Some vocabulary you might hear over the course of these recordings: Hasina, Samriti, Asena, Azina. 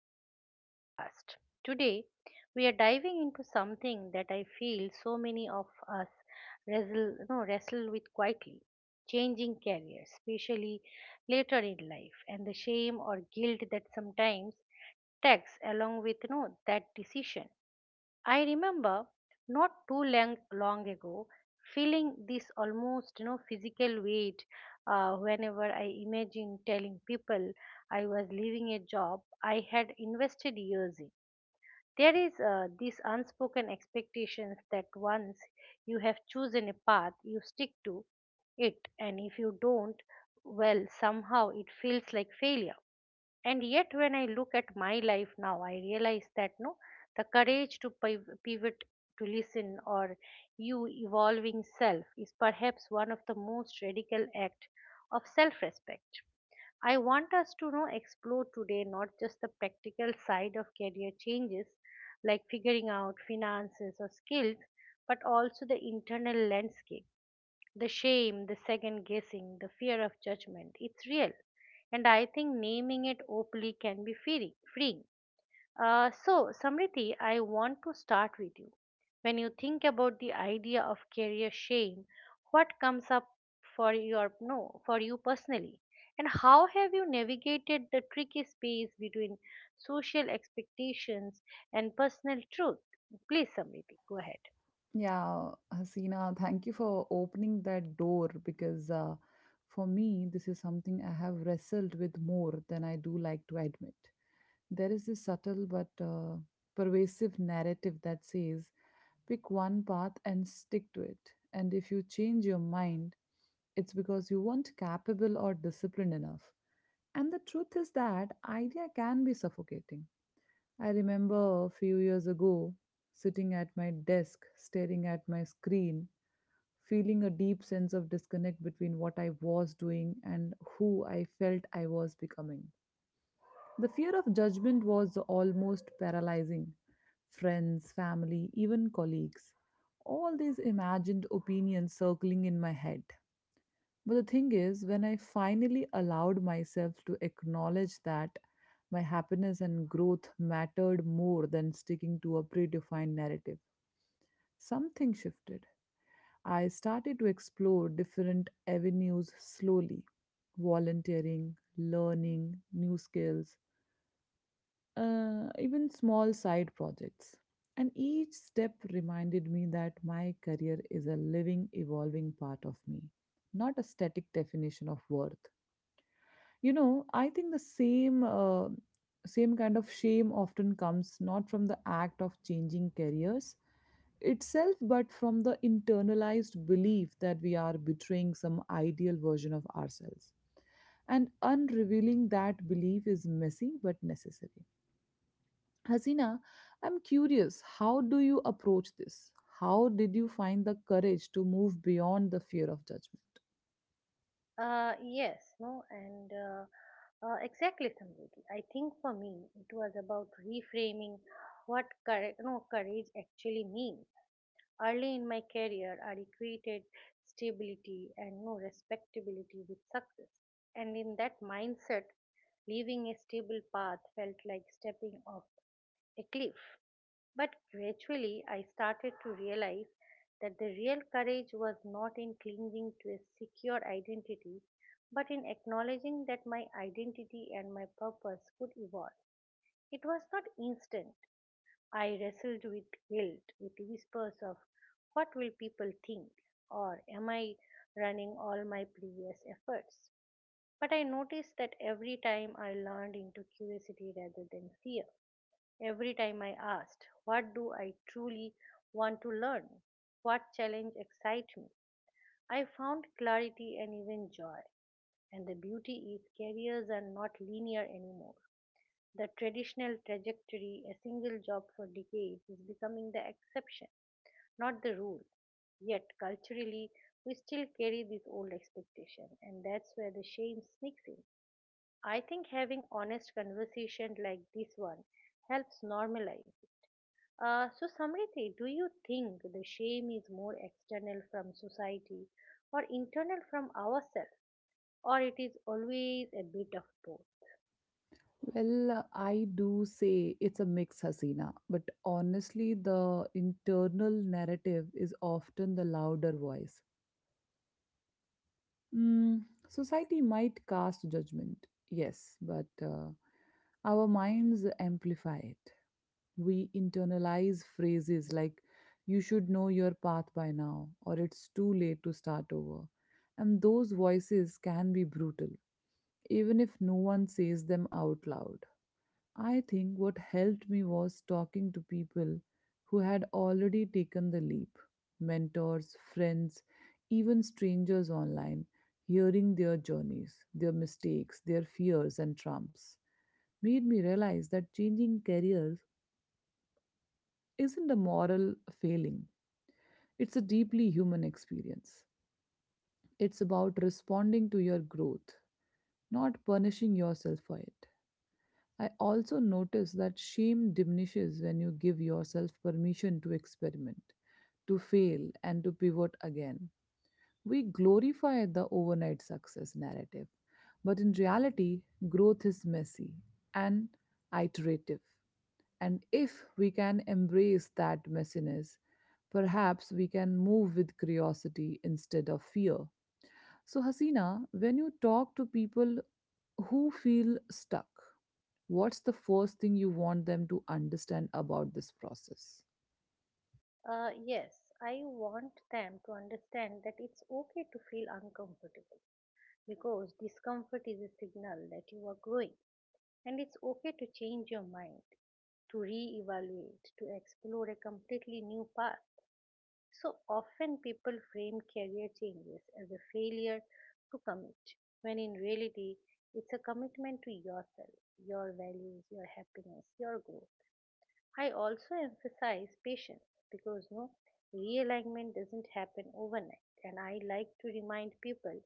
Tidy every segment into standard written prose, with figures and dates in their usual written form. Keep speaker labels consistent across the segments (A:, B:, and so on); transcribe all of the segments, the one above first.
A: back to the podcast. Today, we are diving into something that I feel so many of us wrestle, no, wrestle with quietly changing careers, especially later in life, and the shame or guilt that sometimes tags along with no, that decision. I remember not too long ago, feeling this almost physical weight whenever I imagine telling people I was leaving a job I had invested years in. There is this unspoken expectations that once you have chosen a path, you stick to it, and if you don't, well, somehow it feels like failure. And yet, when I look at my life now, I realize that no the courage to pivot, to listen or you evolving self is perhaps one of the most radical acts of self respect. I want us to know explore today not just the practical side of career changes, like figuring out finances or skills, but also the internal landscape, the shame, the second guessing, the fear of judgment. It's real. And I think naming it openly can be freeing. So, Samriti, I want to start with you. When you think about the idea of career shame, what comes up for your no for you personally, and how have you navigated the tricky space between social expectations and personal truth? Please, Samriti, go ahead.
B: Yeah, Hasina, thank you for opening that door because for me, this is something I have wrestled with more than I do like to admit. There is this subtle but pervasive narrative that says pick one path and stick to it. And if you change your mind, it's because you weren't capable or disciplined enough. And the truth is that idea can be suffocating. I remember a few years ago sitting at my desk staring at my screen feeling a deep sense of disconnect between what I was doing and who I felt I was becoming. The fear of judgment was almost paralyzing. Friends, family, even colleagues. All these imagined opinions circling in my head. But the thing is, when I finally allowed myself to acknowledge that my happiness and growth mattered more than sticking to a predefined narrative, something shifted. I started to explore different avenues slowly volunteering, learning new skills, even small side projects. And each step reminded me that my career is a living, evolving part of me, not a static definition of worth. You know, I think the same. Same kind of shame often comes not from the act of changing careers itself, but from the internalized belief that we are betraying some ideal version of ourselves. And unrevealing that belief is messy but necessary. Hasina, I'm curious, how do you approach this? How did you find the courage to move beyond the fear of judgment?
A: Yes, no, and exactly, Samriti. I think for me, it was about reframing what courage, no, courage actually means. Early in my career, I equated stability and no respectability with success, and in that mindset, leaving a stable path felt like stepping off a cliff. But gradually, I started to realize that the real courage was not in clinging to a secure identity, but in acknowledging that my identity and my purpose could evolve. It was not instant. I wrestled with guilt, with whispers of what will people think, or am I running all my previous efforts? But I noticed that every time I leaned into curiosity rather than fear, every time I asked, what do I truly want to learn? What challenge excites me? I found clarity and even joy. And the beauty is careers are not linear anymore. The traditional trajectory, a single job for decades, is becoming the exception, not the rule. Yet, culturally, we still carry this old expectation, and that's where the shame sneaks in. I think having honest conversation like this one helps normalize it. So, Samriti, do you think the shame is more external from society or internal from ourselves, or it is always a bit of both?
B: Well, I do say it's a mix, Hasina, but honestly, the internal narrative is often the louder voice. Mm, society might cast judgment, yes, but our minds amplify it. We internalize phrases like, you should know your path by now, or it's too late to start over. And those voices can be brutal, even if no one says them out loud. I think what helped me was talking to people who had already taken the leap mentors, friends, even strangers online, hearing their journeys, their mistakes, their fears, and trumps. Made me realize that changing careers isn't a moral failing, it's a deeply human experience. It's about responding to your growth, not punishing yourself for it. I also notice that shame diminishes when you give yourself permission to experiment, to fail, and to pivot again. We glorify the overnight success narrative, but in reality, growth is messy and iterative. And if we can embrace that messiness, perhaps we can move with curiosity instead of fear. So, Hasina, when you talk to people who feel stuck, what's the first thing you want them to understand about this process?
A: Yes, I want them to understand that it's okay to feel uncomfortable because discomfort is a signal that you are growing, and it's okay to change your mind, to re-evaluate, to explore a completely new path. So often people frame career changes as a failure to commit, when in reality it's a commitment to yourself, your values, your happiness, your growth. I also emphasize patience because realignment doesn't happen overnight, and I like to remind people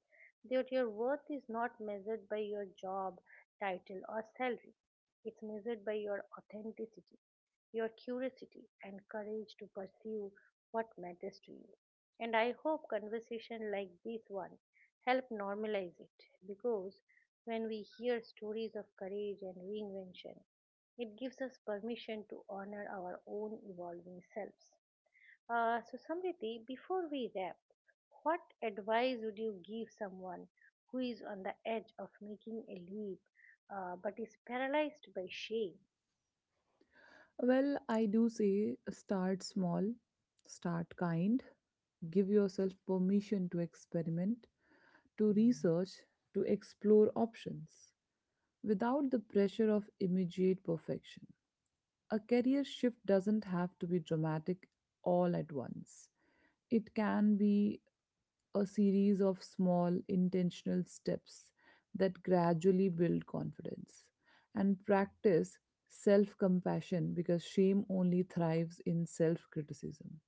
A: that your worth is not measured by your job title or salary. It's measured by your authenticity, your curiosity, and courage to pursue what matters to you. And I hope conversation like this one help normalize it, because when we hear stories of courage and reinvention, it gives us permission to honor our own evolving selves. So, Samriti, before we wrap, what advice would you give someone who is on the edge of making a leap, but is paralyzed by shame?
B: Well, I do say start small, start kind, give yourself permission to experiment, to research, to explore options without the pressure of immediate perfection. A career shift doesn't have to be dramatic all at once. It can be a series of small intentional steps that gradually build confidence and practice self compassion because shame only thrives in self criticism.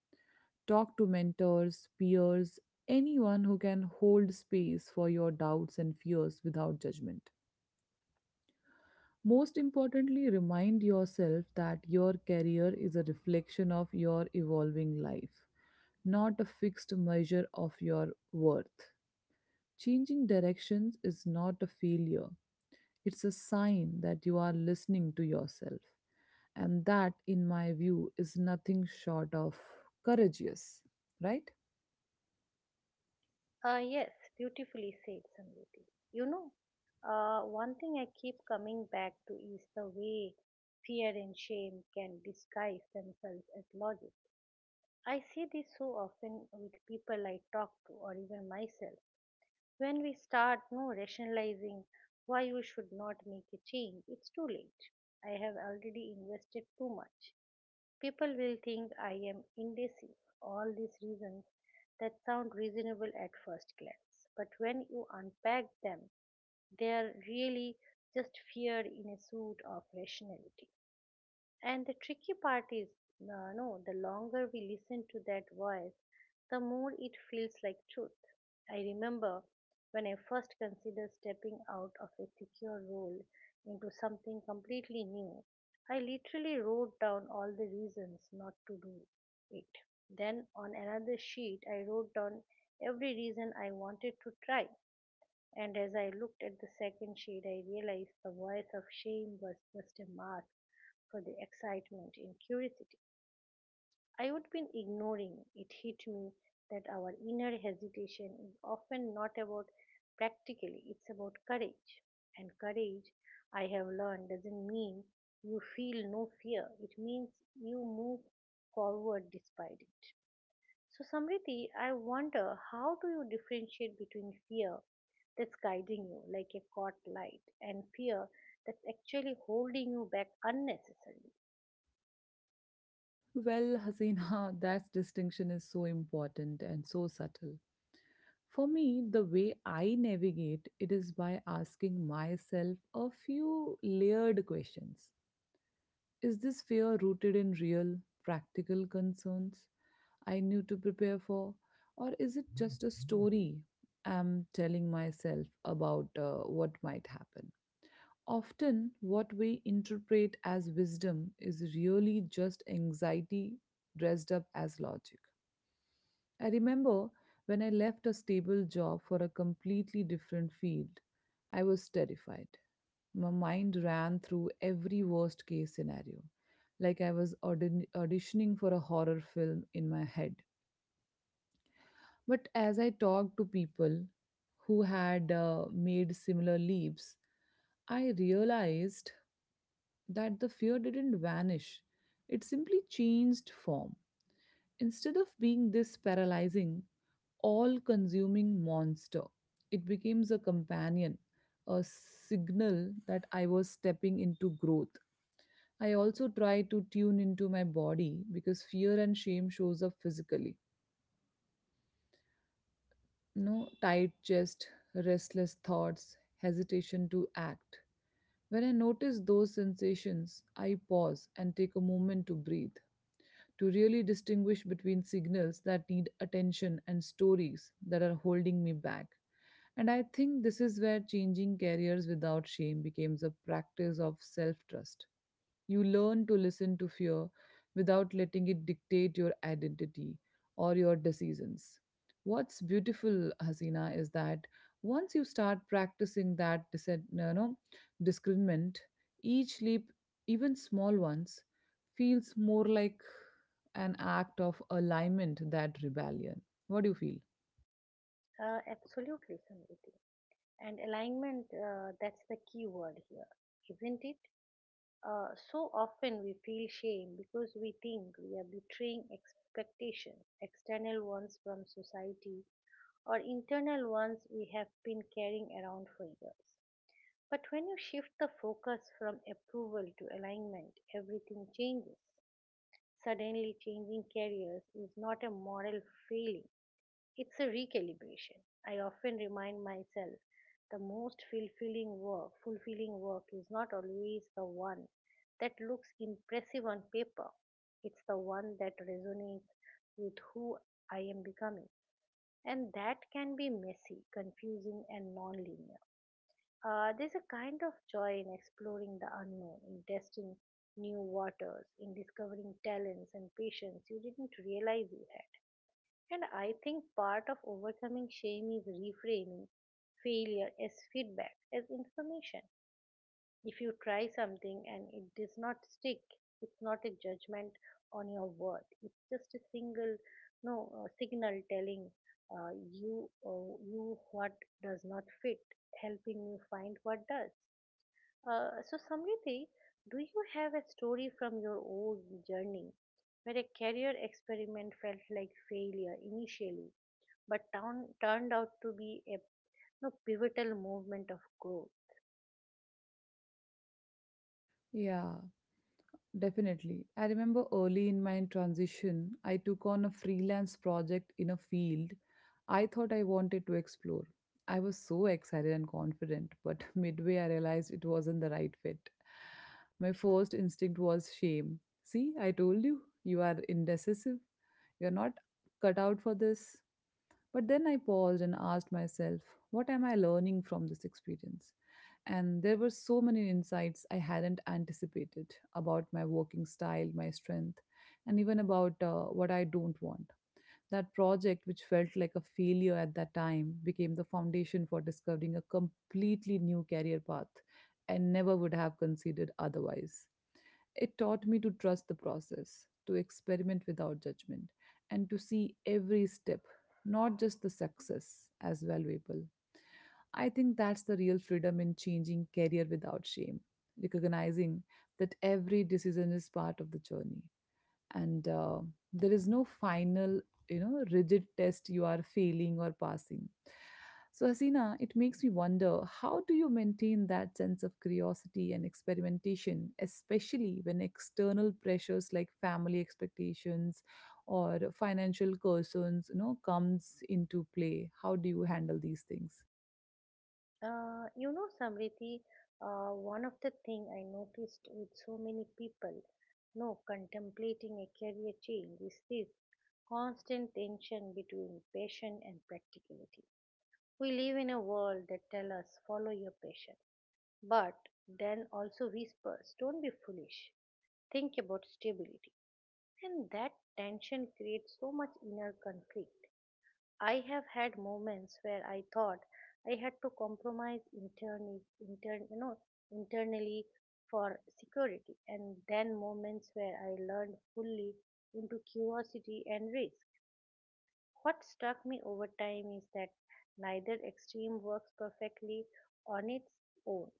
B: Talk to mentors, peers, anyone who can hold space for your doubts and fears without judgment. Most importantly, remind yourself that your career is a reflection of your evolving life, not a fixed measure of your worth. Changing directions is not a failure, it's a sign that you are listening to yourself. And that, in my view, is nothing short of courageous, right?
A: Yes, beautifully said, Samriti. You know, One thing I keep coming back to is the way fear and shame can disguise themselves as logic. I see this so often with people I talk to or even myself. When we start no rationalizing why we should not make a change, it's too late. I have already invested too much. People will think I am indecisive. All these reasons that sound reasonable at first glance, but when you unpack them, they are really just fear in a suit of rationality. And the tricky part is, no, the longer we listen to that voice, the more it feels like truth. I remember when I first considered stepping out of a secure role into something completely new, I literally wrote down all the reasons not to do it. Then on another sheet, I wrote down every reason I wanted to try. And as I looked at the second sheet, I realized the voice of shame was just a mask for the excitement and curiosity I would been ignoring. It hit me that our inner hesitation is often not about practically, it's about courage. And courage, I have learned, doesn't mean you feel no fear, it means you move forward despite it. So, Samriti, I wonder, how do you differentiate between fear that's guiding you like a caught light and fear that's actually holding you back unnecessarily?
B: Well, Hasina, that distinction is so important and so subtle. For me, the way I navigate it is by asking myself a few layered questions. Is this fear rooted in real, practical concerns I knew to prepare for, or is it just a story I'm telling myself about what might happen? Often, what we interpret as wisdom is really just anxiety dressed up as logic. I remember when I left a stable job for a completely different field, I was terrified. My mind ran through every worst case scenario, like I was auditioning for a horror film in my head. But as I talked to people who had made similar leaps, I realized that the fear didn't vanish, it simply changed form. Instead of being this paralyzing, all consuming monster, it becomes a companion, a signal that I was stepping into growth. I also try to tune into my body because fear and shame shows up physically. You know, tight chest, restless thoughts, hesitation to act. When I notice those sensations, I pause and take a moment to breathe, to really distinguish between signals that need attention and stories that are holding me back. And I think this is where changing careers without shame becomes a practice of self trust. You learn to listen to fear without letting it dictate your identity or your decisions. What's beautiful, Hasina, is that once you start practicing that know, discernment, each leap, even small ones, feels more like an act of alignment than rebellion. What do you feel?
A: Absolutely, Samriti. And alignment, that's the key word here, isn't it? So often we feel shame because we think we are betraying expectations, external ones from society or internal ones we have been carrying around for years. But when you shift the focus from approval to alignment, everything changes. Suddenly, changing careers is not a moral failing, it's a recalibration. I often remind myself the most fulfilling work is not always the one that looks impressive on paper. It's the one that resonates with who I am becoming. And that can be messy, confusing, and non linear. There's a kind of joy in exploring the unknown, in testing new waters, in discovering talents and passions you didn't realize you had. And I think part of overcoming shame is reframing failure as feedback, as information. If you try something and it does not stick, it's not a judgment on your worth. It's just a single, no, signal telling uh, you what does not fit, helping you find what does. So, Samriti, do you have a story from your own journey where a career experiment felt like failure initially, but turned out to be a pivotal movement of growth?
B: Yeah, definitely. I remember early in my transition, I took on a freelance project in a field I thought I wanted to explore. I was so excited and confident, but midway I realized it wasn't the right fit. My first instinct was shame. See, I told you, you are indecisive. You're not cut out for this. But then I paused and asked myself, what am I learning from this experience? And there were so many insights I hadn't anticipated about my working style, my strength, and even about what I don't want. That project, which felt like a failure at that time, became the foundation for discovering a completely new career path I never would have considered otherwise. It taught me to trust the process, to experiment without judgment, and to see every step, not just the success, as valuable. I think that's the real freedom in changing career without shame, recognizing that every decision is part of the journey and there is no final, you know, rigid test you are failing or passing. So, Hasina, it makes me wonder, how do you maintain that sense of curiosity and experimentation, especially when external pressures like family expectations or financial concerns, you know, comes into play? How do you handle these things?
A: Samriti, one of the thing I noticed with so many people, no, contemplating a career change is this constant tension between passion and practicality. We live in a world that tells us follow your passion. But then also whispers, don't be foolish, think about stability. And that tension creates so much inner conflict. I have had moments where I thought I had to compromise internally, intern, you know, internally for security, and then moments where I learned fully into curiosity and risk. What struck me over time is that neither extreme works perfectly on its own.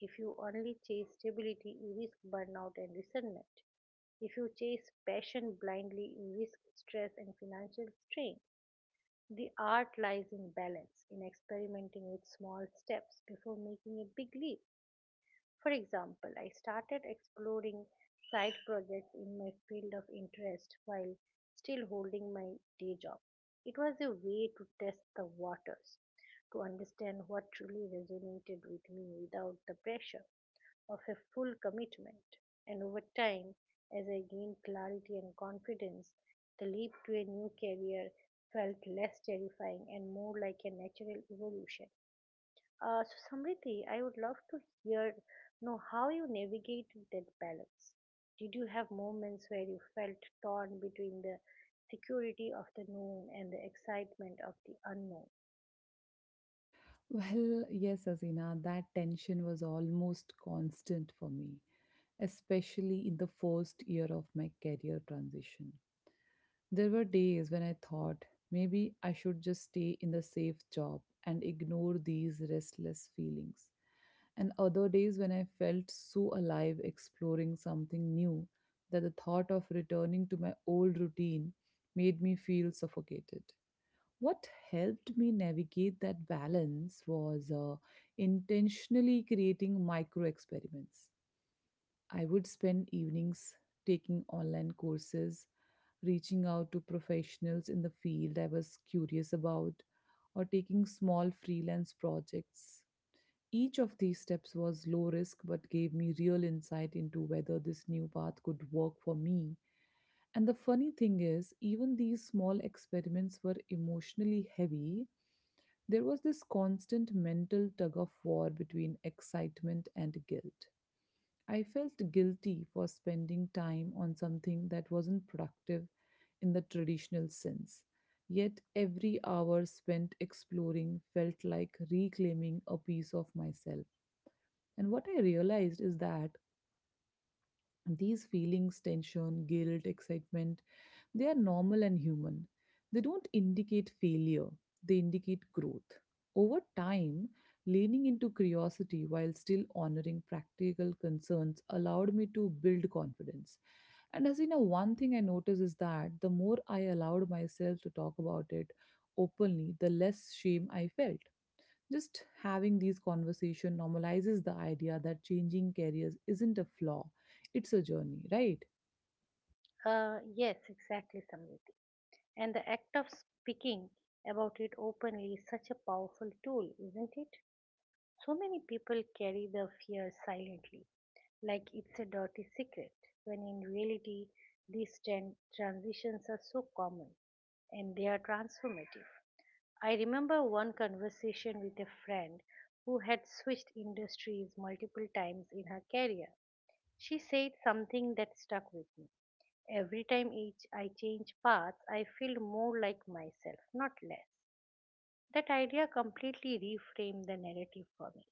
A: If you only chase stability, you risk burnout and resentment. If you chase passion blindly, you risk stress and financial strain. The art lies in balance, in experimenting with small steps before making a big leap. For example, I started exploring side projects in my field of interest while still holding my day job. It was a way to test the waters, to understand what truly resonated with me without the pressure of a full commitment. And over time, as I gained clarity and confidence, the leap to a new career felt less terrifying and more like a natural evolution. So Samriti, I would love to hear know how you navigated that balance. Did you have moments where you felt torn between the security of the known and the excitement of the unknown?
B: Well, yes, Azina, that tension was almost constant for me, especially in the first year of my career transition. There were days when I thought maybe I should just stay in the safe job and ignore these restless feelings, and other days when I felt so alive exploring something new that the thought of returning to my old routine made me feel suffocated. What helped me navigate that balance was intentionally creating micro experiments. I would spend evenings taking online courses, reaching out to professionals in the field I was curious about, or taking small freelance projects. Each of these steps was low risk but gave me real insight into whether this new path could work for me. And the funny thing is, even these small experiments were emotionally heavy. There was this constant mental tug of war between excitement and guilt. I felt guilty for spending time on something that wasn't productive in the traditional sense. Yet every hour spent exploring felt like reclaiming a piece of myself. And what I realized is that these feelings, tension, guilt, excitement, they are normal and human. They don't indicate failure, they indicate growth. Over time, leaning into curiosity while still honoring practical concerns allowed me to build confidence. And as you know, one thing I noticed is that the more I allowed myself to talk about it openly, the less shame I felt. Just having these conversation normalizes the idea that changing careers isn't a flaw, it's a journey, right?
A: Yes, exactly, Samriti. And the act of speaking about it openly is such a powerful tool, isn't it? So many people carry the fear silently, like it's a dirty secret, when in reality, these transitions are so common, and they are transformative. I remember one conversation with a friend who had switched industries multiple times in her career. She said something that stuck with me. Every time each I change paths, I feel more like myself, not less. That idea completely reframed the narrative for me.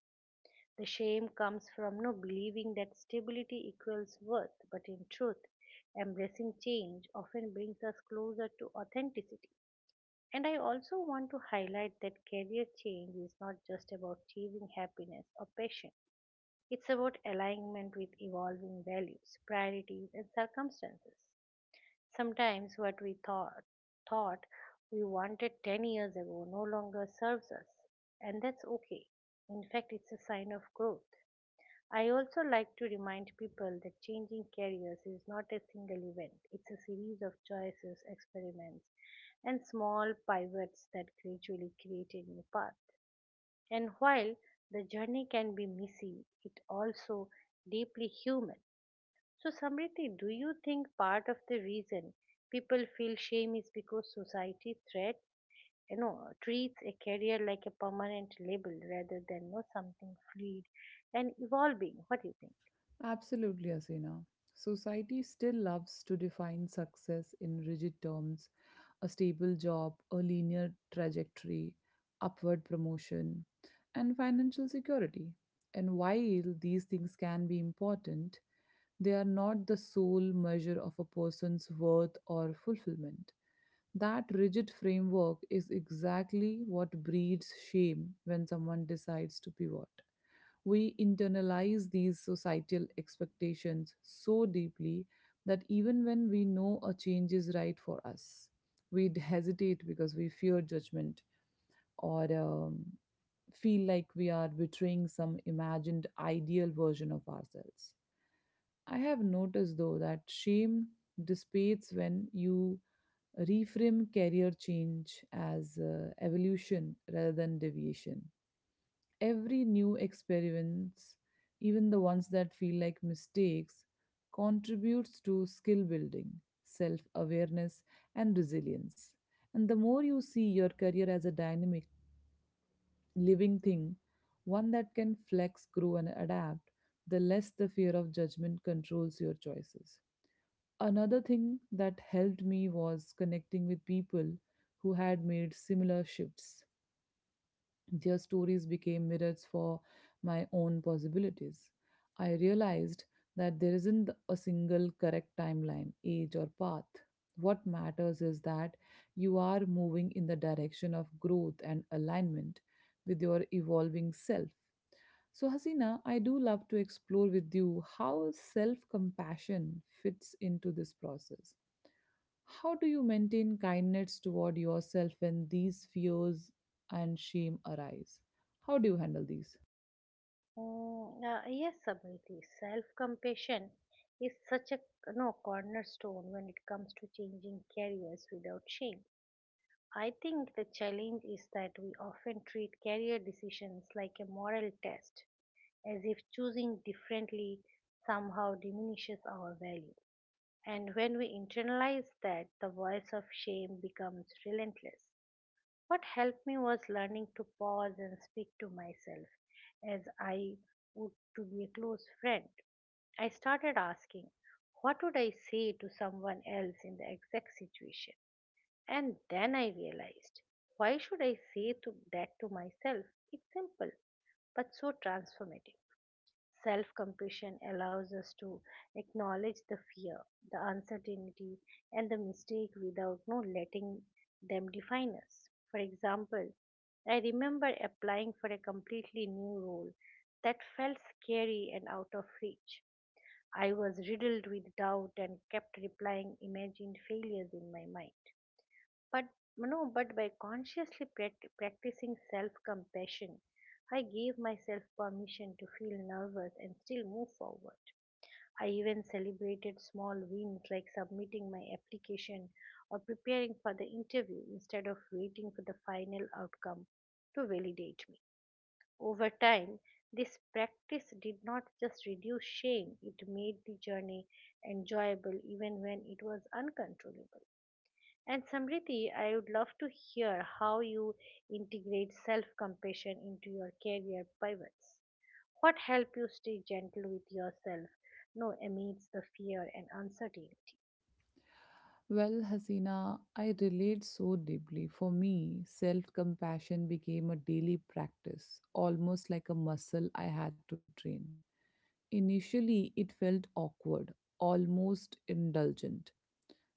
A: The shame comes from no believing that stability equals worth, but in truth, embracing change often brings us closer to authenticity. And I also want to highlight that career change is not just about achieving happiness or passion. It's about alignment with evolving values, priorities, and circumstances. Sometimes what we thought we wanted 10 years ago no longer serves us, and that's okay. In fact, it's a sign of growth. I also like to remind people that changing careers is not a single event, it's a series of choices, experiments, and small pivots that gradually create a new path. And while the journey can be messy, it also deeply human. So, Samriti, do you think part of the reason people feel shame is because society threats, treats a career like a permanent label rather than something fluid and evolving? What do you think?
B: Absolutely, Asena. Society still loves to define success in rigid terms a stable job, a linear trajectory, upward promotion, and financial security. And while these things can be important, they are not the sole measure of a person's worth or fulfillment. That rigid framework is exactly what breeds shame when someone decides to pivot. We internalize these societal expectations so deeply that even when we know a change is right for us, hesitate because we fear judgment or feel like we are betraying some imagined ideal version of ourselves. I have noticed though that shame dissipates when you reframe career change as evolution rather than deviation. Every new experiments, even the ones that feel like mistakes, contributes to skill building, self awareness, and resilience. And the more you see your career as a dynamic, living thing, one that can flex, grow, and adapt, the less the fear of judgment controls your choices. Another thing that helped me was connecting with people who had made similar shifts. Their stories became mirrors for my own possibilities. I realized that there isn't a single correct timeline, age, or path. What matters is that you are moving in the direction of growth and alignment with your evolving self. So, Hasina, I do love to explore with you how self compassion fits into this process. How do you maintain kindness toward yourself when these fears and shame arise? How do you handle these?
A: Yes, Sabriti, self-compassion is such a no cornerstone when it comes to changing careers without shame. I think the challenge is that we often treat career decisions like a moral test, as if choosing differently somehow diminishes our value. And when we internalize that, the voice of shame becomes relentless. What helped me was learning to pause and speak to myself as I would to be a close friend. I started asking, what would I say to someone else in the exact situation? And then I realized, why should I say to that to myself? It's simple, but so transformative. Self compassion allows us to acknowledge the fear, the uncertainty, and the mistake without no letting them define us. For example, I remember applying for a completely new role that felt scary and out of reach. I was riddled with doubt and kept replying imagined failures in my mind. But no, but by consciously practicing self compassion, I gave myself permission to feel nervous and still move forward. I even celebrated small wins like submitting my application or preparing for the interview instead of waiting for the final outcome to validate me. Over time, this practice did not just reduce shame, it made the journey enjoyable even when it was uncontrollable. And Samriti, I would love to hear how you integrate self compassion into your career pivots. What help you stay gentle with yourself, no, amidst the fear and uncertainty?
B: Well, Hasina, I relate so deeply. For me, self compassion became a daily practice, almost like a muscle I had to train. Initially, it felt awkward, almost indulgent,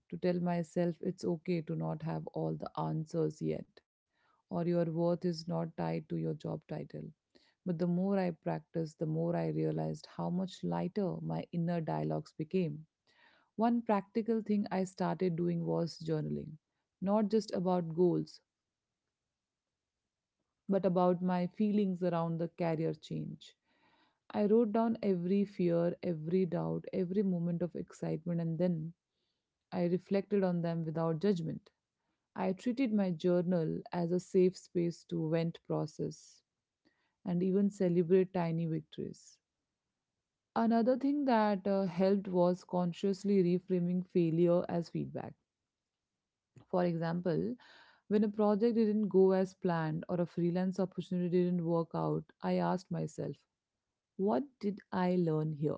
B: to tell myself it's okay to not have all the answers yet, or your worth is not tied to your job title. But the more I practiced, the more I realized how much lighter my inner dialogues became. One practical thing I started doing was journaling, not just about goals, but about my feelings around the career change. I wrote down every fear, every doubt, every moment of excitement, and then I reflected on them without judgment. I treated my journal as a safe space to vent, process, and even celebrate tiny victories. Another thing that helped was consciously reframing failure as feedback. For example, when a project didn't go as planned or a freelance opportunity didn't work out, I asked myself, what did I learn here?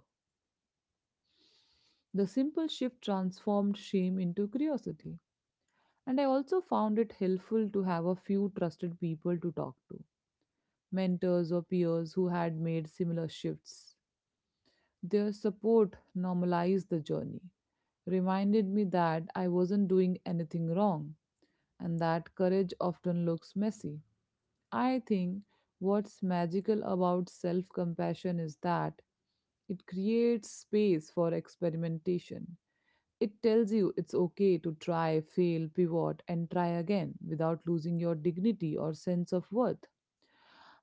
B: The simple shift transformed shame into curiosity. And I also found it helpful to have a few trusted people to talk to, mentors or peers who had made similar shifts. Their support normalized the journey, reminded me that I wasn't doing anything wrong, and that courage often looks messy. I think what's magical about self compassion is that it creates space for experimentation. It tells you it's okay to try, fail, pivot, and try again without losing your dignity or sense of worth.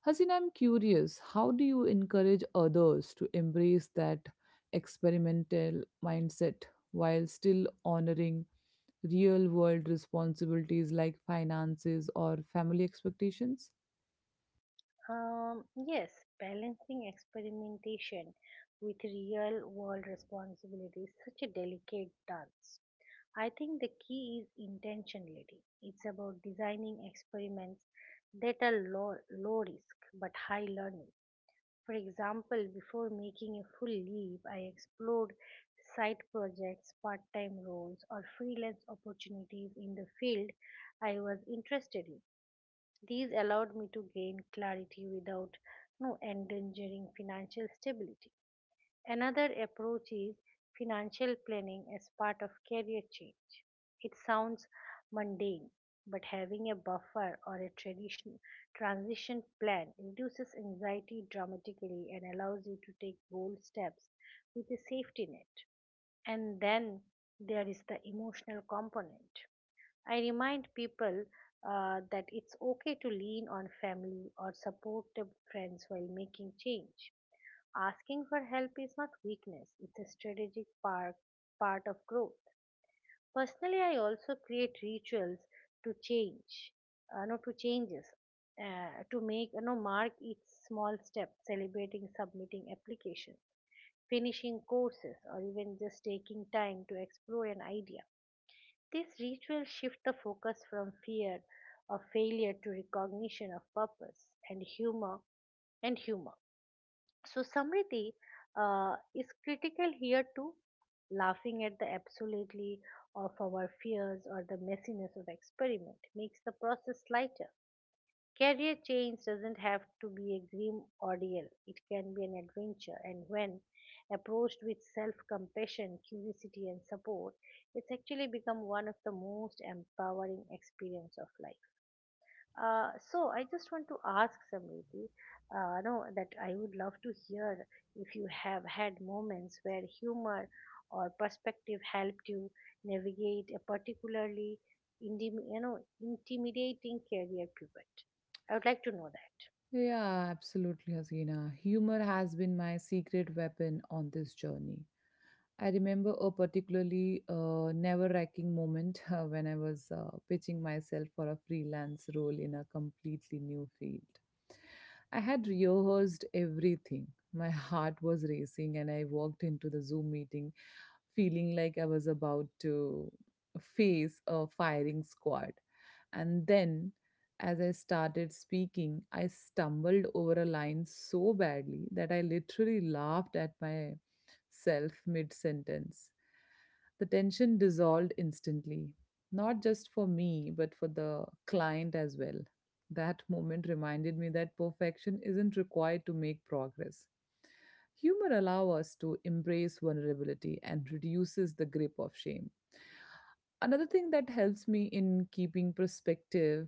B: Hasin, I'm curious, how do you encourage others to embrace that experimental mindset while still honoring real world responsibilities like finances or family expectations?
A: Yes, balancing experimentation with real world responsibility is such a delicate dance. I think the key is intentionality. It's about designing experiments that are low risk but high learning. For example, before making a full leap, I explored side projects, part time roles, or freelance opportunities in the field I was interested in. These allowed me to gain clarity without no endangering financial stability. Another approach is financial planning as part of career change. It sounds mundane, but having a buffer or transition plan reduces anxiety dramatically and allows you to take bold steps with a safety net. And then there is the emotional component. I remind people that it's okay to lean on family or supportive friends while making change. Asking for help is not weakness, it's a part of growth. Personally, I also create rituals to change, no, to changes, to make, mark each small step, celebrating submitting applications, finishing courses, or even just taking time to explore an idea. These rituals shift the focus from fear of failure to recognition of purpose and humor. So Samriti is critical here too, laughing at the absolutely of our fears or the messiness of experiment makes the process lighter. Career change doesn't have to be a grim ordeal. It can be an adventure, and when approached with self-compassion, curiosity, and support, it's actually become one of the most empowering experience of life. So, I just want to ask Samriti, no, that I would love to hear if you have had moments where humor or perspective helped you navigate a particularly intimidating career pivot. I would like to know that.
B: Yeah, absolutely, Hasina. Humor has been my secret weapon on this journey. I remember a particularly nerve-wracking moment when I was pitching myself for a freelance role in a completely new field. I had rehearsed everything. My heart was racing, and I walked into the Zoom meeting feeling like I was about to face a firing squad. And then as I started speaking, I stumbled over a line so badly that I literally laughed at myself mid sentence. The tension dissolved instantly, not just for me, but for the client as well. That moment reminded me that perfection isn't required to make progress. Humor allows us to embrace vulnerability and reduces the grip of shame. Another thing that helps me in keeping perspective,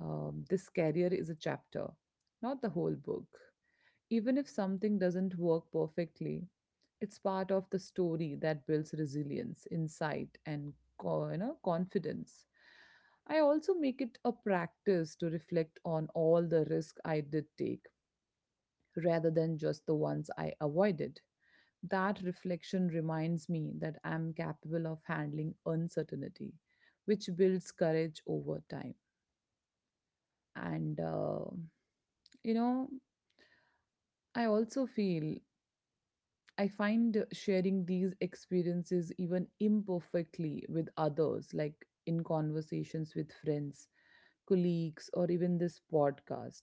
B: this career is a chapter, not the whole book. Even if something doesn't work perfectly, it's part of the story that builds resilience, insight, and confidence. I also make it a practice to reflect on all the risk I did take rather than just the ones I avoided. That reflection reminds me that I'm capable of handling uncertainty, which builds courage over time. And, you know, I also feel I find sharing these experiences, even imperfectly, with others, like in conversations with friends, colleagues, or even this podcast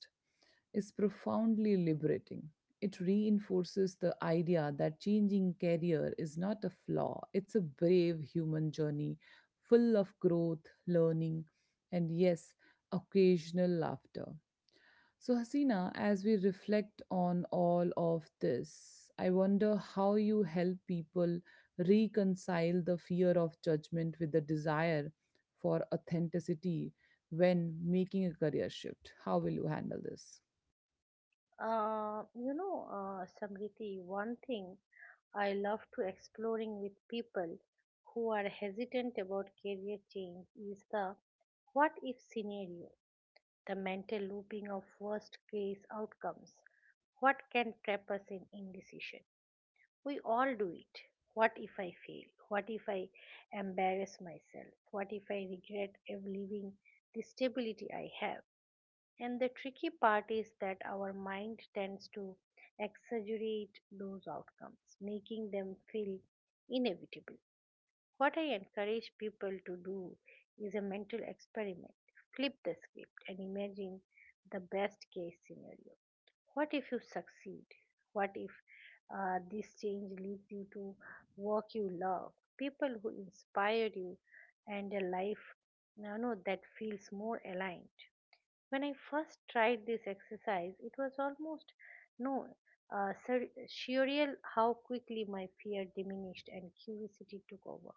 B: is profoundly liberating. It reinforces the idea that changing career is not a flaw, it's a brave human journey full of growth, learning, and yes, occasional laughter. So, Hasina, as we reflect on all of this, I wonder how you help people reconcile the fear of judgment with the desire for authenticity when making a career shift. How will you handle this?
A: Samriti, one thing I love to exploring with people who are hesitant about career change is the what if scenario, the mental looping of worst case outcomes. What can trap us in indecision? We all do it. What if I fail? What if I embarrass myself? What if I regret ever leaving the stability I have? And the tricky part is that our mind tends to exaggerate those outcomes, making them feel inevitable. What I encourage people to do is a mental experiment. Flip the script and imagine the best case scenario. What if you succeed? What if this change leads you to work you love, people who inspire you, and a life, that feels more aligned? When I first tried this exercise, it was almost no sur- surreal how quickly my fear diminished and curiosity took over,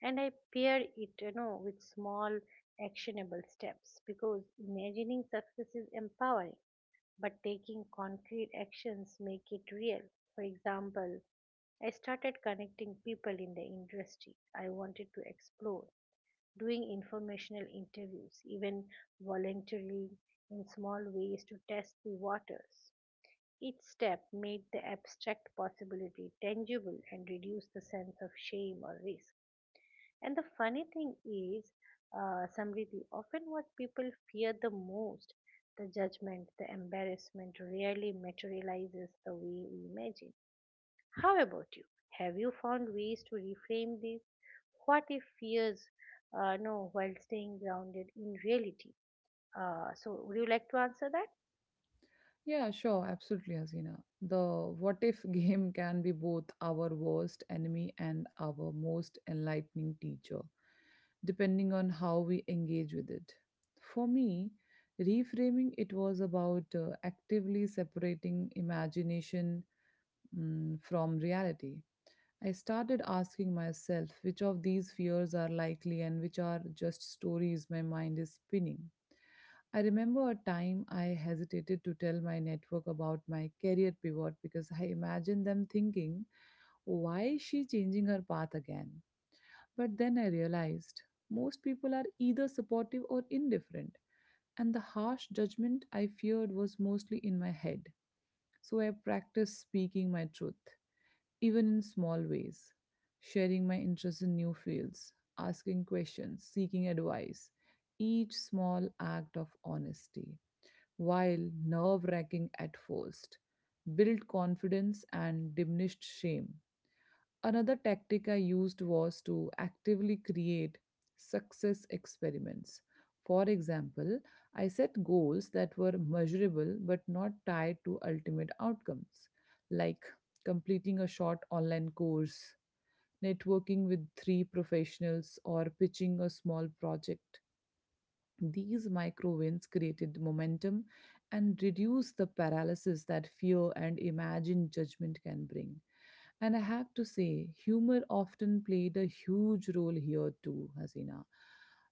A: and I pair it, with small actionable steps, because imagining success is empowering but taking concrete actions make it real. For example, I started connecting people in the industry I wanted to explore, doing informational interviews, even voluntarily, in small ways to test the waters. Each step made the abstract possibility tangible and reduced the sense of shame or risk. And the funny thing is, Samriti, often what people fear the most, the judgment, the embarrassment, rarely materializes the way we imagine. How about you? Have you found ways to reframe these? What if fears, no, while staying grounded in reality? So, would you like to answer that?
B: Yeah, sure, absolutely, Hasina. The what if game can be both our worst enemy and our most enlightening teacher, depending on how we engage with it. For me, reframing it was about actively separating imagination, from reality. I started asking myself which of these fears are likely and which are just stories my mind is spinning. I remember a time I hesitated to tell my network about my career pivot because I imagined them thinking, why is she changing her path again? But then I realized most people are either supportive or indifferent, and the harsh judgment I feared was mostly in my head. So I practiced speaking my truth, even in small ways, sharing my interest in new fields, asking questions, seeking advice, each small act of honesty, while nerve wracking at first, built confidence and diminished shame. Another tactic I used was to actively create success experiments. For example, I set goals that were measurable but not tied to ultimate outcomes, like completing a short online course, networking with three professionals, or pitching a small project. These micro wins created momentum and reduced the paralysis that fear and imagined judgment can bring. And I have to say, humor often played a huge role here too, Hasina.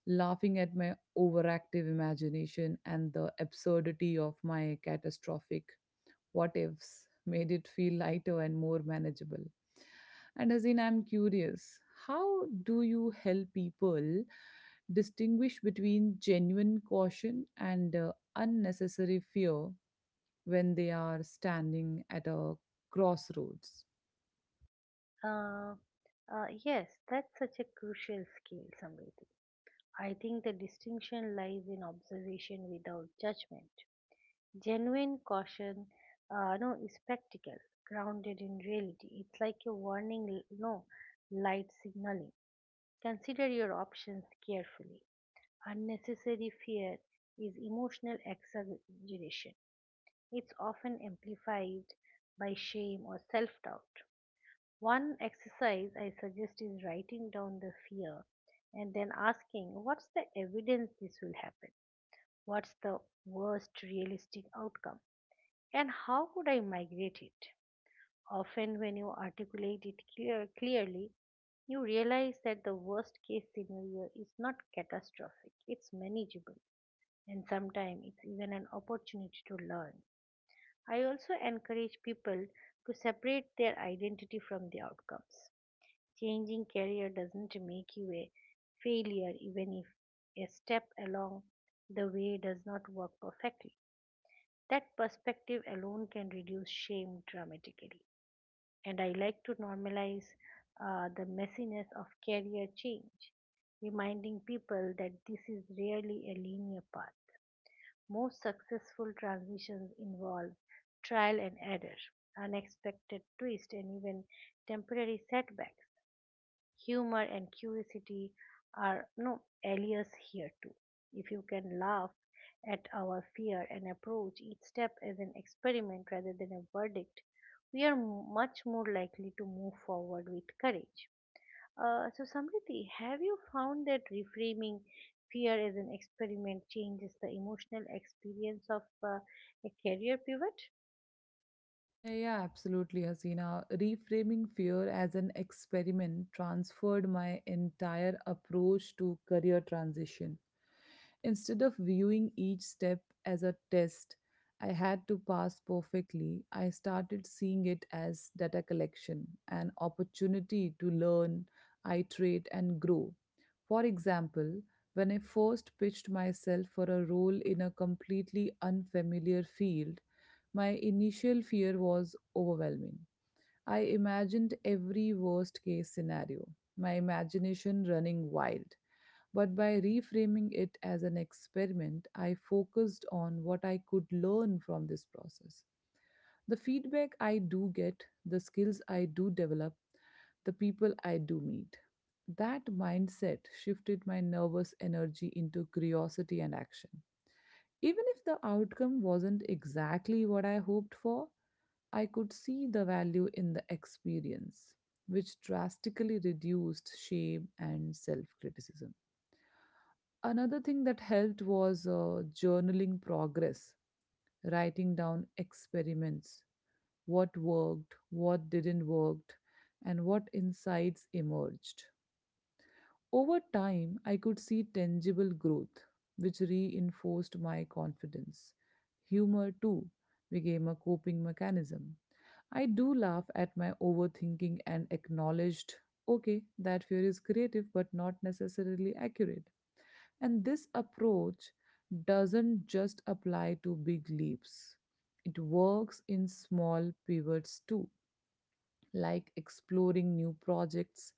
B: Laughing at my overactive imagination and the absurdity of my catastrophic what ifs made it feel lighter and more manageable. And as in, I'm curious, how do you help people distinguish between genuine caution and unnecessary fear when they are standing at a crossroads?
A: Uh, yes, that's such a crucial skill, Samriti. I think the distinction lies in observation without judgment. Genuine caution, no, is practical, grounded in reality. It's like a warning, l- no, light signaling. Consider your options carefully. Unnecessary fear is emotional exaggeration. It's often amplified by shame or self doubt. One exercise I suggest is writing down the fear and then asking, what's the evidence this will happen? What's the worst realistic outcome? And how could I migrate it? Often, when you articulate it clearly, you realize that the worst case scenario is not catastrophic, it's manageable, and sometimes it's even an opportunity to learn. I also encourage people to separate their identity from the outcomes. Changing career doesn't make you a failure, even if a step along the way does not work perfectly. That perspective alone can reduce shame dramatically. And I like to normalize the messiness of career change, reminding people that this is rarely a linear path. Most successful transitions involve trial and error, unexpected twists, and even temporary setbacks. Humor and curiosity are alias here too. If you can laugh at our fear and approach each step as an experiment rather than a verdict, we are much more likely to move forward with courage. So, Samriti, have you found that reframing fear as an experiment changes the emotional experience of a career pivot?
B: Yeah, yeah, absolutely, Hasina. Reframing fear as an experiment transferred my entire approach to career transition. Instead of viewing each step as a test I had to pass perfectly, I started seeing it as data collection, an opportunity to learn, iterate, and grow. For example, when I first pitched myself for a role in a completely unfamiliar field, my initial fear was overwhelming. I imagined every worst case scenario, my imagination running wild. But by reframing it as an experiment, I focused on what I could learn from this process. The feedback I do get, the skills I do develop, the people I do meet. That mindset shifted my nervous energy into curiosity and action. Even if the outcome wasn't exactly what I hoped for, I could see the value in the experience, which drastically reduced shame and self criticism. Another thing that helped was journaling progress, writing down experiments, what worked, what didn't worked, and what insights emerged. Over time, I could see tangible growth, which reinforced my confidence. Humor, too, became a coping mechanism. I do laugh at my overthinking and acknowledged, okay, that fear is creative but not necessarily accurate. And this approach doesn't just apply to big leaps, it works in small pivots too, like exploring new projects,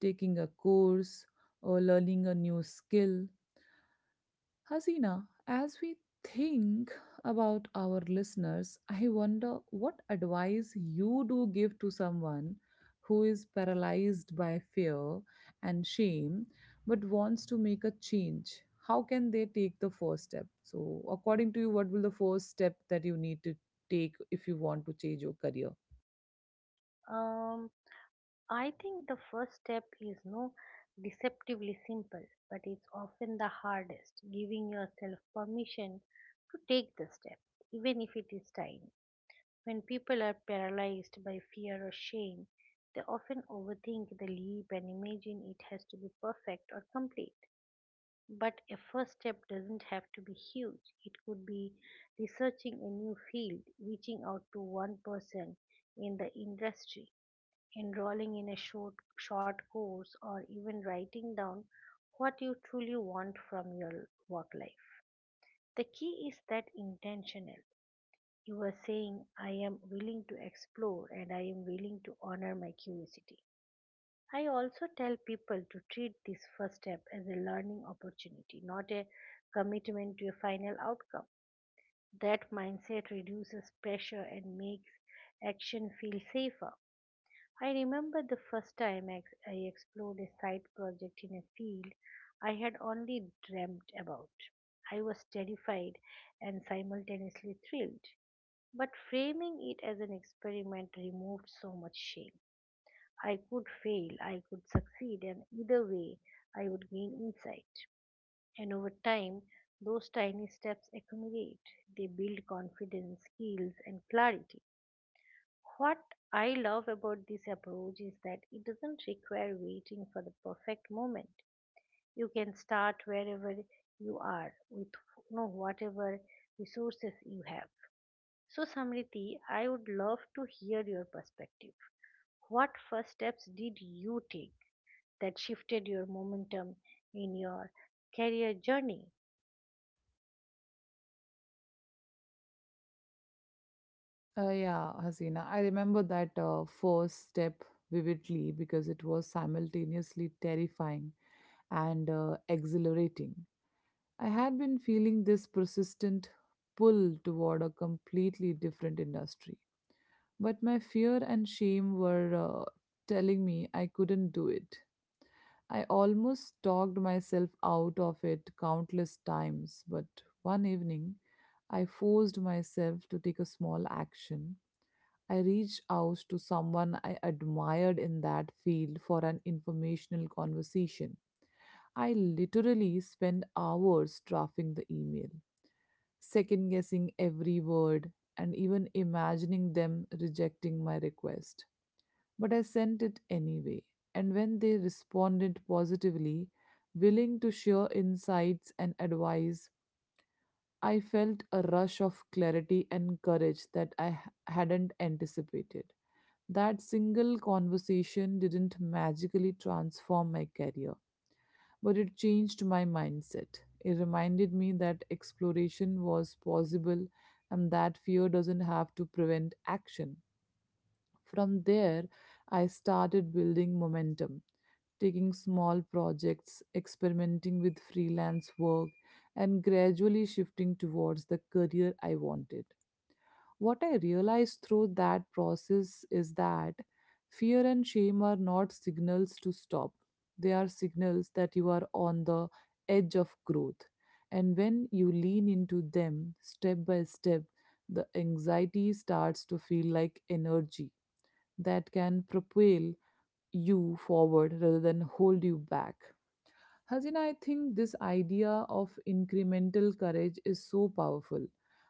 B: taking a course, or learning a new skill. Hasina, as we think about our listeners, I wonder what advice you do give to someone who is paralyzed by fear and shame but wants to make a change. How can they take the first step? So, according to you, what will the first step that you need to take if you want to change your career?
A: Um, I think the first step is no deceptively simple, but it's often the hardest, giving yourself permission to take the step, even if it is tiny. When people are paralyzed by fear or shame, they often overthink the leap and imagine it has to be perfect or complete. But a first step doesn't have to be huge. It could be researching a new field, reaching out to one person in the industry, enrolling in a short course, or even writing down what you truly want from your work life. The key is that intentional. You are saying, I am willing to explore and I am willing to honor my curiosity. I also tell people to treat this first step as a learning opportunity, not a commitment to a final outcome. That mindset reduces pressure and makes action feel safer. I remember the first time I explored a side project in a field I had only dreamt about. I was terrified and simultaneously thrilled, but framing it as an experiment removed so much shame. I could fail, I could succeed, and either way, I would gain insight. And over time, those tiny steps accumulate. They build confidence, skills, and clarity. What I love about this approach is that it doesn't require waiting for the perfect moment. You can start wherever you are with, whatever resources you have. So, Samriti, I would love to hear your perspective. What first steps did you take that shifted your momentum in your career journey?
B: Yeah, Hasina. I remember that first step vividly because it was simultaneously terrifying and exhilarating. I had been feeling this persistent pull toward a completely different industry, but my fear and shame were telling me I couldn't do it. I almost talked myself out of it countless times, but one evening I forced myself to take a small action. I reached out to someone I admired in that field for an informational conversation. I literally spent hours drafting the email, second guessing every word, and even imagining them rejecting my request. But I sent it anyway, and when they responded positively, willing to share insights and advice, I felt a rush of clarity and courage that hadn't anticipated. That single conversation didn't magically transform my career, but it changed my mindset. It reminded me that exploration was possible and that fear doesn't have to prevent action. From there, I started building momentum, taking small projects, experimenting with freelance work, and gradually shifting towards the career I wanted. What I realized through that process is that fear and shame are not signals to stop, they are signals that you are on the edge of growth. And when you lean into them step by step, the anxiety starts to feel like energy that can propel you forward rather than hold you back. Hazina, I think this idea of incremental courage is so powerful,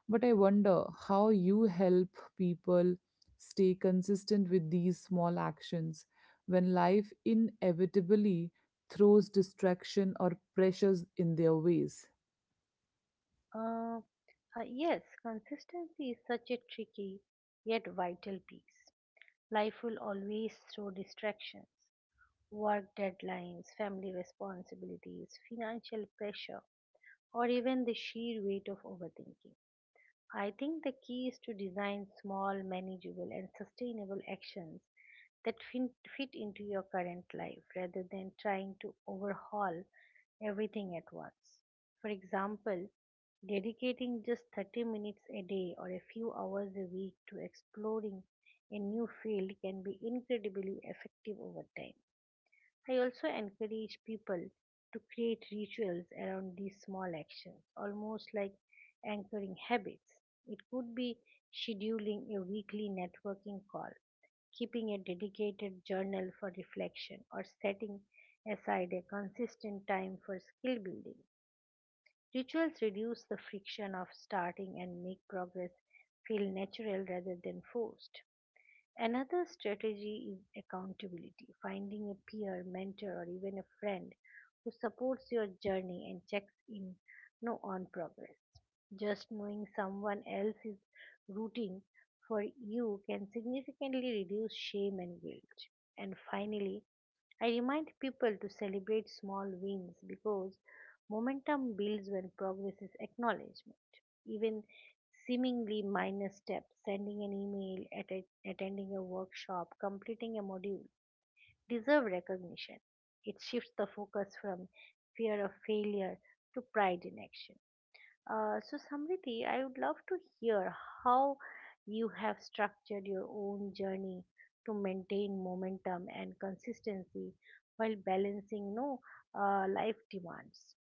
B: but I wonder how you help people stay consistent with these small actions when life inevitably throws distraction or pressures in their ways.
A: Uh, yes, consistency is such a tricky yet vital piece. Life will always throw distractions, work deadlines, family responsibilities, financial pressure, or even the sheer weight of overthinking. I think the key is to design small, manageable, and sustainable actions that fit into your current life rather than trying to overhaul everything at once. For example, dedicating just 30 minutes a day or a few hours a week to exploring a new field can be incredibly effective over time. I also encourage people to create rituals around these small actions, almost like anchoring habits. It could be scheduling a weekly networking call, keeping a dedicated journal for reflection, or setting aside a consistent time for skill building. Rituals reduce the friction of starting and make progress feel natural rather than forced. Another strategy is accountability, finding a peer, mentor, or even a friend who supports your journey and checks in no on progress. Just knowing someone else is rooting for you can significantly reduce shame and guilt. And finally, I remind people to celebrate small wins because momentum builds when progress is acknowledgement. Even seemingly minor steps, sending an email, attending a workshop, completing a module, deserve recognition. It shifts the focus from fear of failure to pride in action. So, Samriti, I would love to hear how you have structured your own journey to maintain momentum and consistency while balancing, no, know, life demands.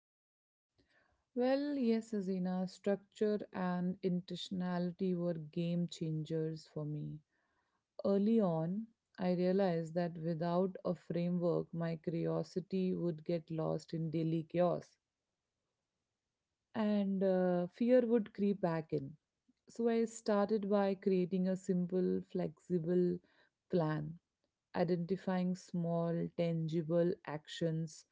B: Well, yes, Azina, structure and intentionality were game changers for me. Early on, I realized that without a framework, my curiosity would get lost in daily chaos and fear would creep back in. So I started by creating a simple, flexible plan, identifying small, tangible actions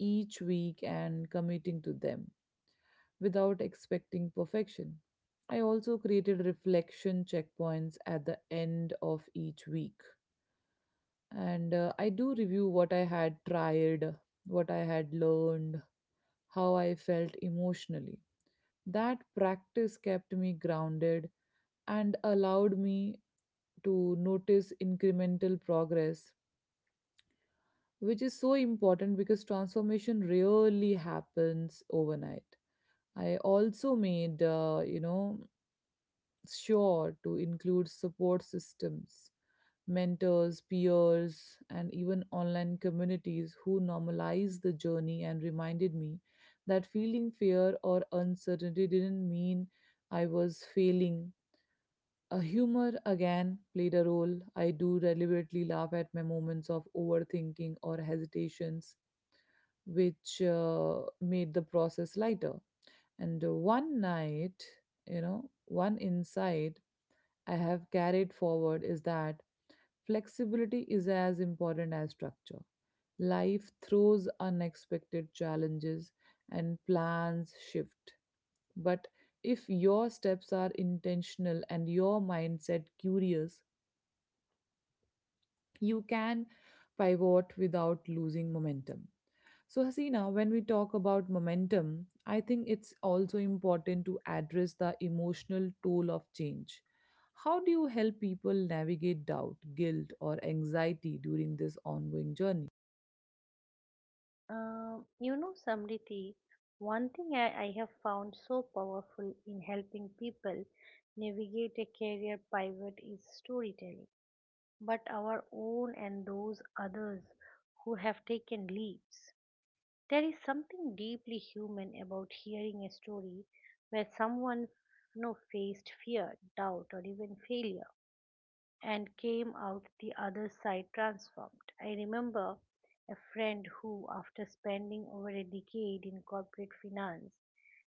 B: each week and committing to them without expecting perfection. I also created reflection checkpoints at the end of each week. And I do review what I had tried, what I had learned, how I felt emotionally. That practice kept me grounded and allowed me to notice incremental progress, which is so important because transformation really happens overnight. I also made, sure to include support systems, mentors, peers, and even online communities who normalize the journey and reminded me that feeling fear or uncertainty didn't mean I was failing. A humor again played a role. I do deliberately laugh at my moments of overthinking or hesitations, which made the process lighter. And one night, you know, one insight I have carried forward is that flexibility is as important as structure. Life throws unexpected challenges and plans shift. But if your steps are intentional and your mindset curious, you can pivot without losing momentum. So, Hasina, when we talk about momentum, I think it's also important to address the emotional toll of change. How do you help people navigate doubt, guilt, or anxiety during this ongoing journey?
A: You know, Samriti, one thing I have found so powerful in helping people navigate a career pivot is storytelling, but our own and those others who have taken leaps. There is something deeply human about hearing a story where someone, you know, faced fear, doubt, or even failure and came out the other side transformed. I remember a friend who, after spending over a decade in corporate finance,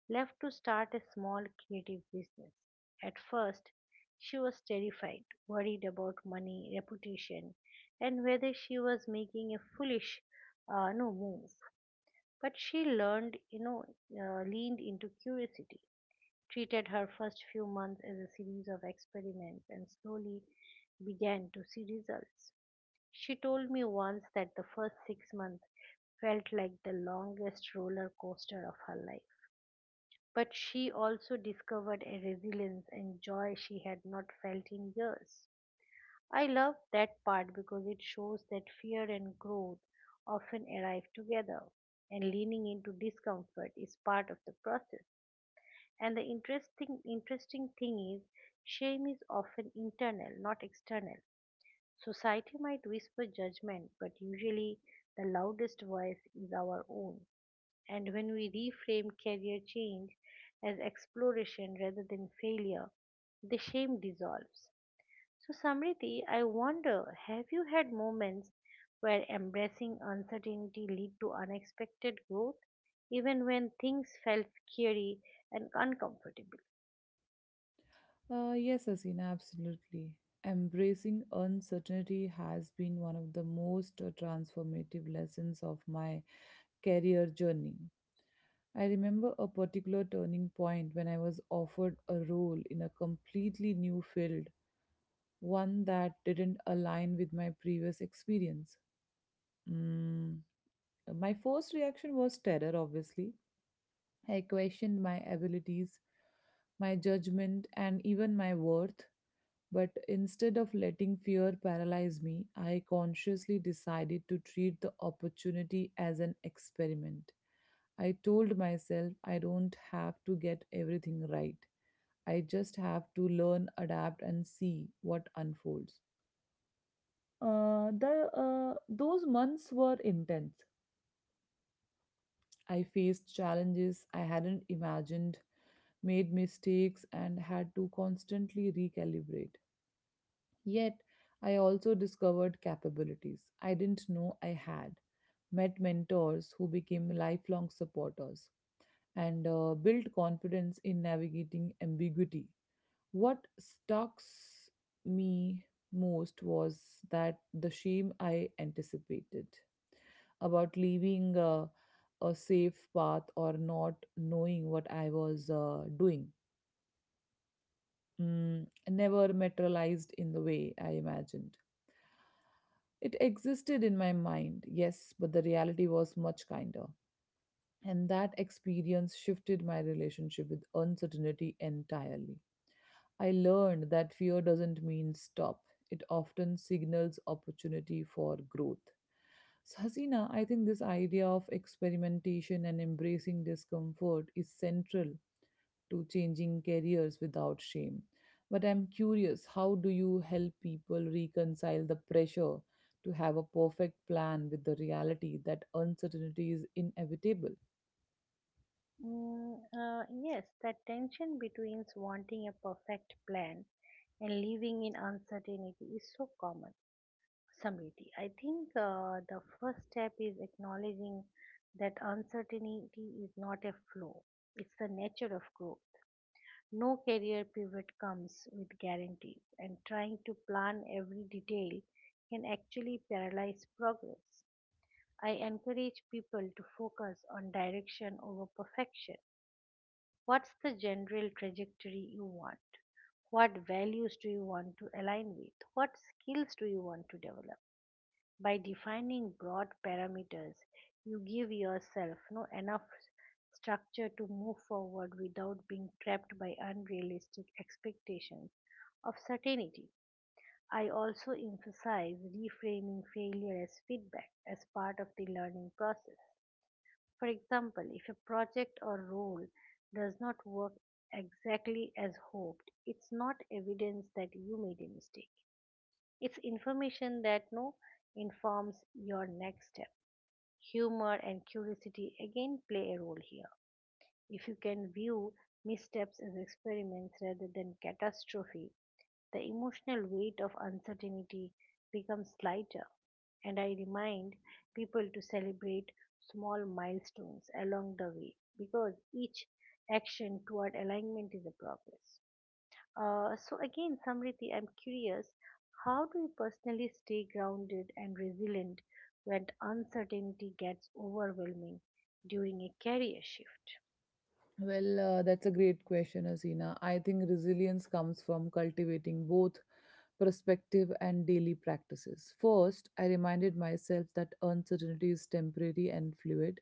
A: left to start a small creative business. At first, she was terrified, worried about money, reputation, and whether she was making a foolish no move. But she learned, leaned into curiosity, treated her first few months as a series of experiments, and slowly began to see results. She told me once that the first 6 months felt like the longest roller coaster of her life. But she also discovered a resilience and joy she had not felt in years. I love that part because it shows that fear and growth often arrive together, and leaning into discomfort is part of the process. And the interesting thing is, shame is often internal, not external. Society might whisper judgment, but usually the loudest voice is our own. And when we reframe career change as exploration rather than failure, the shame dissolves. So, Samriti, I wonder, have you had moments where embracing uncertainty lead to unexpected growth, even when things felt scary and uncomfortable?
B: Yes, Hasina, absolutely. Embracing uncertainty has been one of the most transformative lessons of my career journey. I remember a particular turning point when I was offered a role in a completely new field, one that didn't align with my previous experience. Mm, My first reaction was terror, obviously. I questioned my abilities, my judgment, and even my worth. But instead of letting fear paralyze me, I consciously decided to treat the opportunity as an experiment. I told myself I don't have to get everything right. I just have to learn, adapt, and see what unfolds. The Those months were intense. I faced challenges I hadn't imagined, made mistakes, and had to constantly recalibrate. Yet, I also discovered capabilities I didn't know I had, met mentors who became lifelong supporters, and built confidence in navigating ambiguity. What stalks me most was that the shame I anticipated about leaving a safe path or not knowing what I was doing never materialized in the way I imagined. It existed in my mind, yes, but the reality was much kinder. And that experience shifted my relationship with uncertainty entirely. I learned that fear doesn't mean stop, it often signals opportunity for growth. So, Hasina, I think this idea of experimentation and embracing discomfort is central to changing careers without shame. But I'm curious, how do you help people reconcile the pressure to have a perfect plan with the reality that uncertainty is inevitable?
A: Yes, that tension between wanting a perfect plan and living in uncertainty is so common. Samriti, I think, the first step is acknowledging that uncertainty is not a flaw, it's the nature of growth. No career pivot comes with guarantees, and trying to plan every detail can actually paralyze progress. I encourage people to focus on direction over perfection. What's the general trajectory you want? What values do you want to align with? What skills do you want to develop? By defining broad parameters, you give yourself no enough structure to move forward without being trapped by unrealistic expectations of certainty. I also emphasize reframing failure as feedback as part of the learning process. For example, if a project or role does not work exactly as hoped, it's not evidence that you made a mistake. It's information that no informs your next step. Humor and curiosity again play a role here. If you can view missteps as experiments rather than catastrophe, the emotional weight of uncertainty becomes lighter. And I remind people to celebrate small milestones along the way because each action toward alignment is a progress. So again, Samriti, I'm curious, how do you personally stay grounded and resilient when uncertainty gets overwhelming during a career shift?
B: Well, that's a great question, Asina. I think resilience comes from cultivating both perspective and daily practices. First, I reminded myself that uncertainty is temporary and fluid.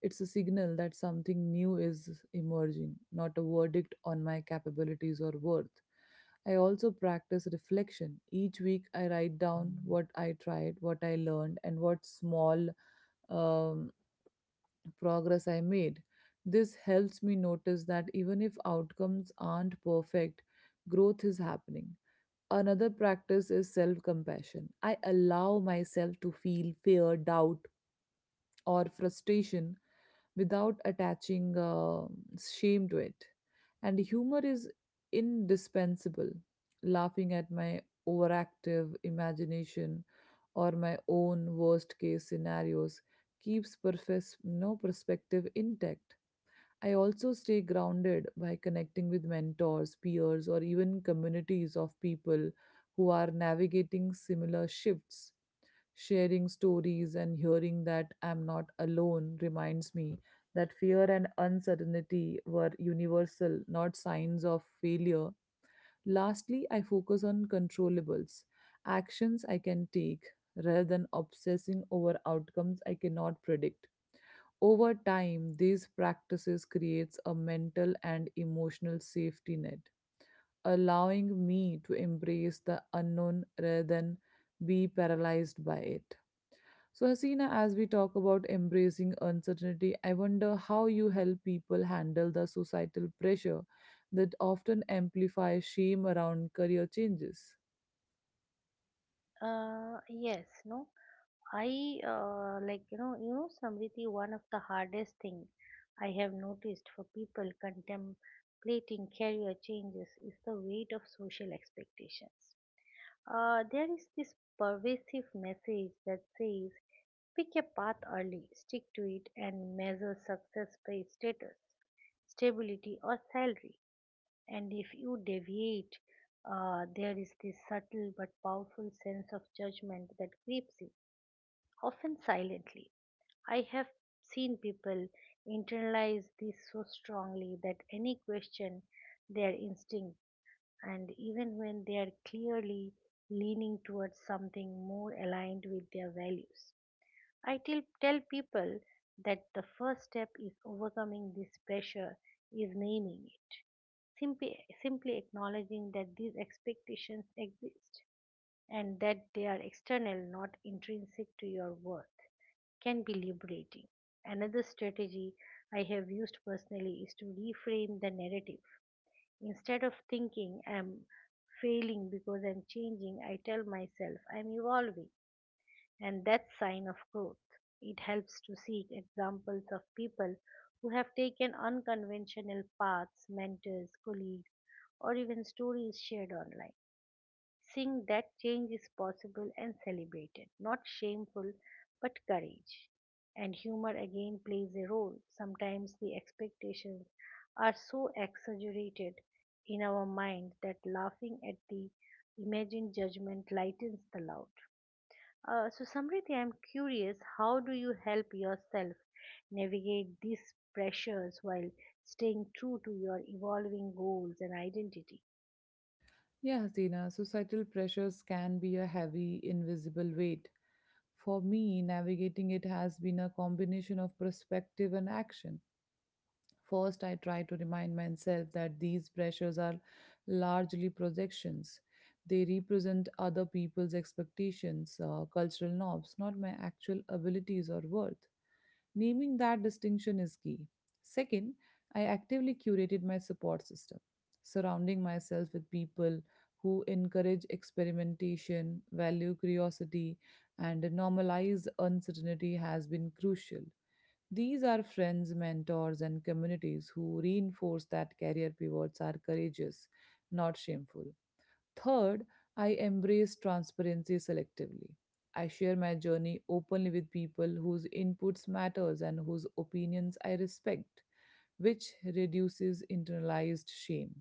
B: It's a signal that something new is emerging, not a verdict on my capabilities or worth. I also practice reflection. Each week, I write down what I tried, what I learned, and what small um, progress I made. This helps me notice that even if outcomes aren't perfect, growth is happening. Another practice is self compassion. I allow myself to feel fear, doubt, or frustration without attaching shame to it. And humor is indispensable. Laughing at my overactive imagination or my own worst case scenarios keeps perfes- no perspective intact. I also stay grounded by connecting with mentors, peers, or even communities of people who are navigating similar shifts. Sharing stories and hearing that I'm not alone reminds me that fear and uncertainty were universal, not signs of failure. Lastly, I focus on controllables, actions I can take, rather than obsessing over outcomes I cannot predict. Over time, these practices creates a mental and emotional safety net, allowing me to embrace the unknown rather than be paralyzed by it. So, Hasina, as we talk about embracing uncertainty, I wonder how you help people handle the societal pressure that often amplifies shame around career changes.
A: Yes, no. I like you know, Samriti, one of the hardest thing I have noticed for people contemplating career changes is the weight of social expectations. There is this pervasive message that says pick a path early, stick to it, and measure success by status, stability, or salary. And if you deviate, there is this subtle but powerful sense of judgment that creeps in, often silently. I have seen people internalize this so strongly that any question their instinct and even when they are clearly leaning towards something more aligned with their values. I tell people that the first step is overcoming this pressure is naming it. Simply acknowledging that these expectations exist and that they are external, not intrinsic to your worth, can be liberating. Another strategy I have used personally is to reframe the narrative. Instead of thinking I'm failing because I'm changing, I tell myself I'm evolving and that's sign of growth. It helps to seek examples of people who have taken unconventional paths, mentors, colleagues, or even stories shared online. Seeing that change is possible and celebrated, not shameful but courage. And humor again plays a role. Sometimes the expectations are so exaggerated in our mind that laughing at the imagined judgment lightens the load. So, Samriti, I'm curious, how do you help yourself navigate these pressures while staying true to your evolving goals and identity?
B: Yeah, Hasina, societal pressures can be a heavy, invisible weight. For me, navigating it has been a combination of perspective and action. First, I try to remind myself that these pressures are largely projections. They represent other people's expectations, cultural norms, not my actual abilities or worth. Naming that distinction is key. Second, I actively curated my support system, surrounding myself with people who encourage experimentation, value curiosity, and normalize uncertainty has been crucial. These are friends, mentors, and communities who reinforce that career pivots are courageous, not shameful. Third, I embrace transparency selectively. I share my journey openly with people whose inputs matters and whose opinions I respect, which reduces internalized shame.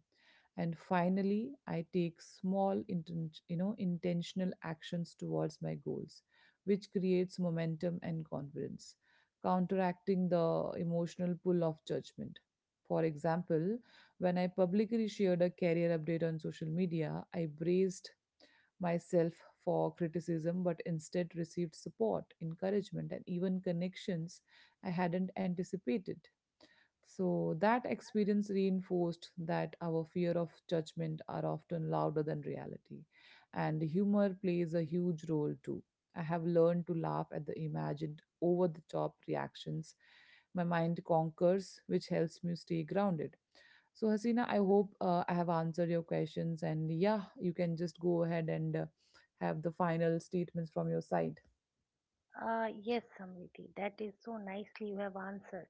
B: And finally, I take small, intentional actions towards my goals, which creates momentum and confidence, counteracting the emotional pull of judgment. For example, when I publicly shared a career update on social media, I braced myself for criticism but instead received support, encouragement, and even connections I hadn't anticipated. So that experience reinforced that our fear of judgment are often louder than reality. And humor plays a huge role too. I have learned to laugh at the imagined over the top reactions my mind conquers, which helps me stay grounded. So, Hasina, I hope I have answered your questions. And yeah, you can just go ahead and have the final statements from your side.
A: Yes, Samriti, that is so nicely you have answered.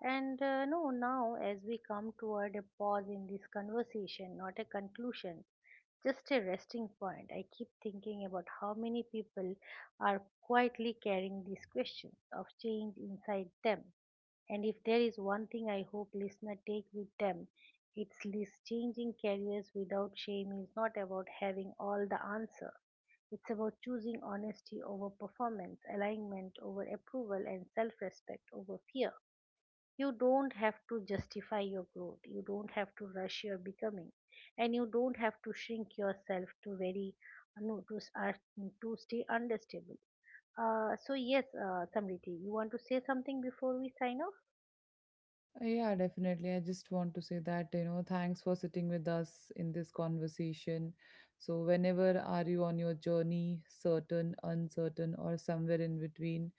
A: And no, Now as we come toward a pause in this conversation, not a conclusion, just a resting point, I keep thinking about how many people are quietly carrying these questions of change inside them. And if there is one thing I hope listener take with them, it's this, changing careers without shame is not about having all the answer. It's about choosing honesty over performance, alignment over approval, and self respect over fear. You don't have to justify your growth, you don't have to rush your becoming, and you don't have to shrink yourself to very no, to, s- to stay understable. So yes, Samriti, you want to say something before we sign off?
B: Yeah, definitely. I just want to say that, you know, thanks for sitting with us in this conversation. So, whenever are you on your journey, certain, uncertain, or somewhere in between,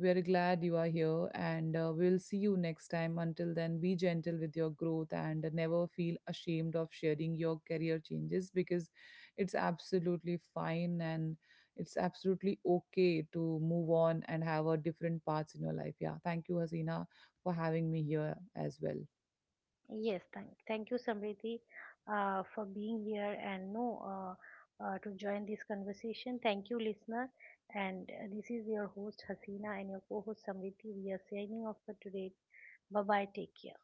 B: we are glad you are here and we'll see you next time. Until then, be gentle with your growth and never feel ashamed of sharing your career changes because it's absolutely fine and it's absolutely okay to move on and have a different paths in your life. Yeah. Thank you, Hasina, for having me here as well.
A: Yes, thank you, Samriti, for being here and no to join this conversation. Thank you, listener. And This is your host Hasina and your co-host Samriti. We are signing off for today. Bye bye. Take care.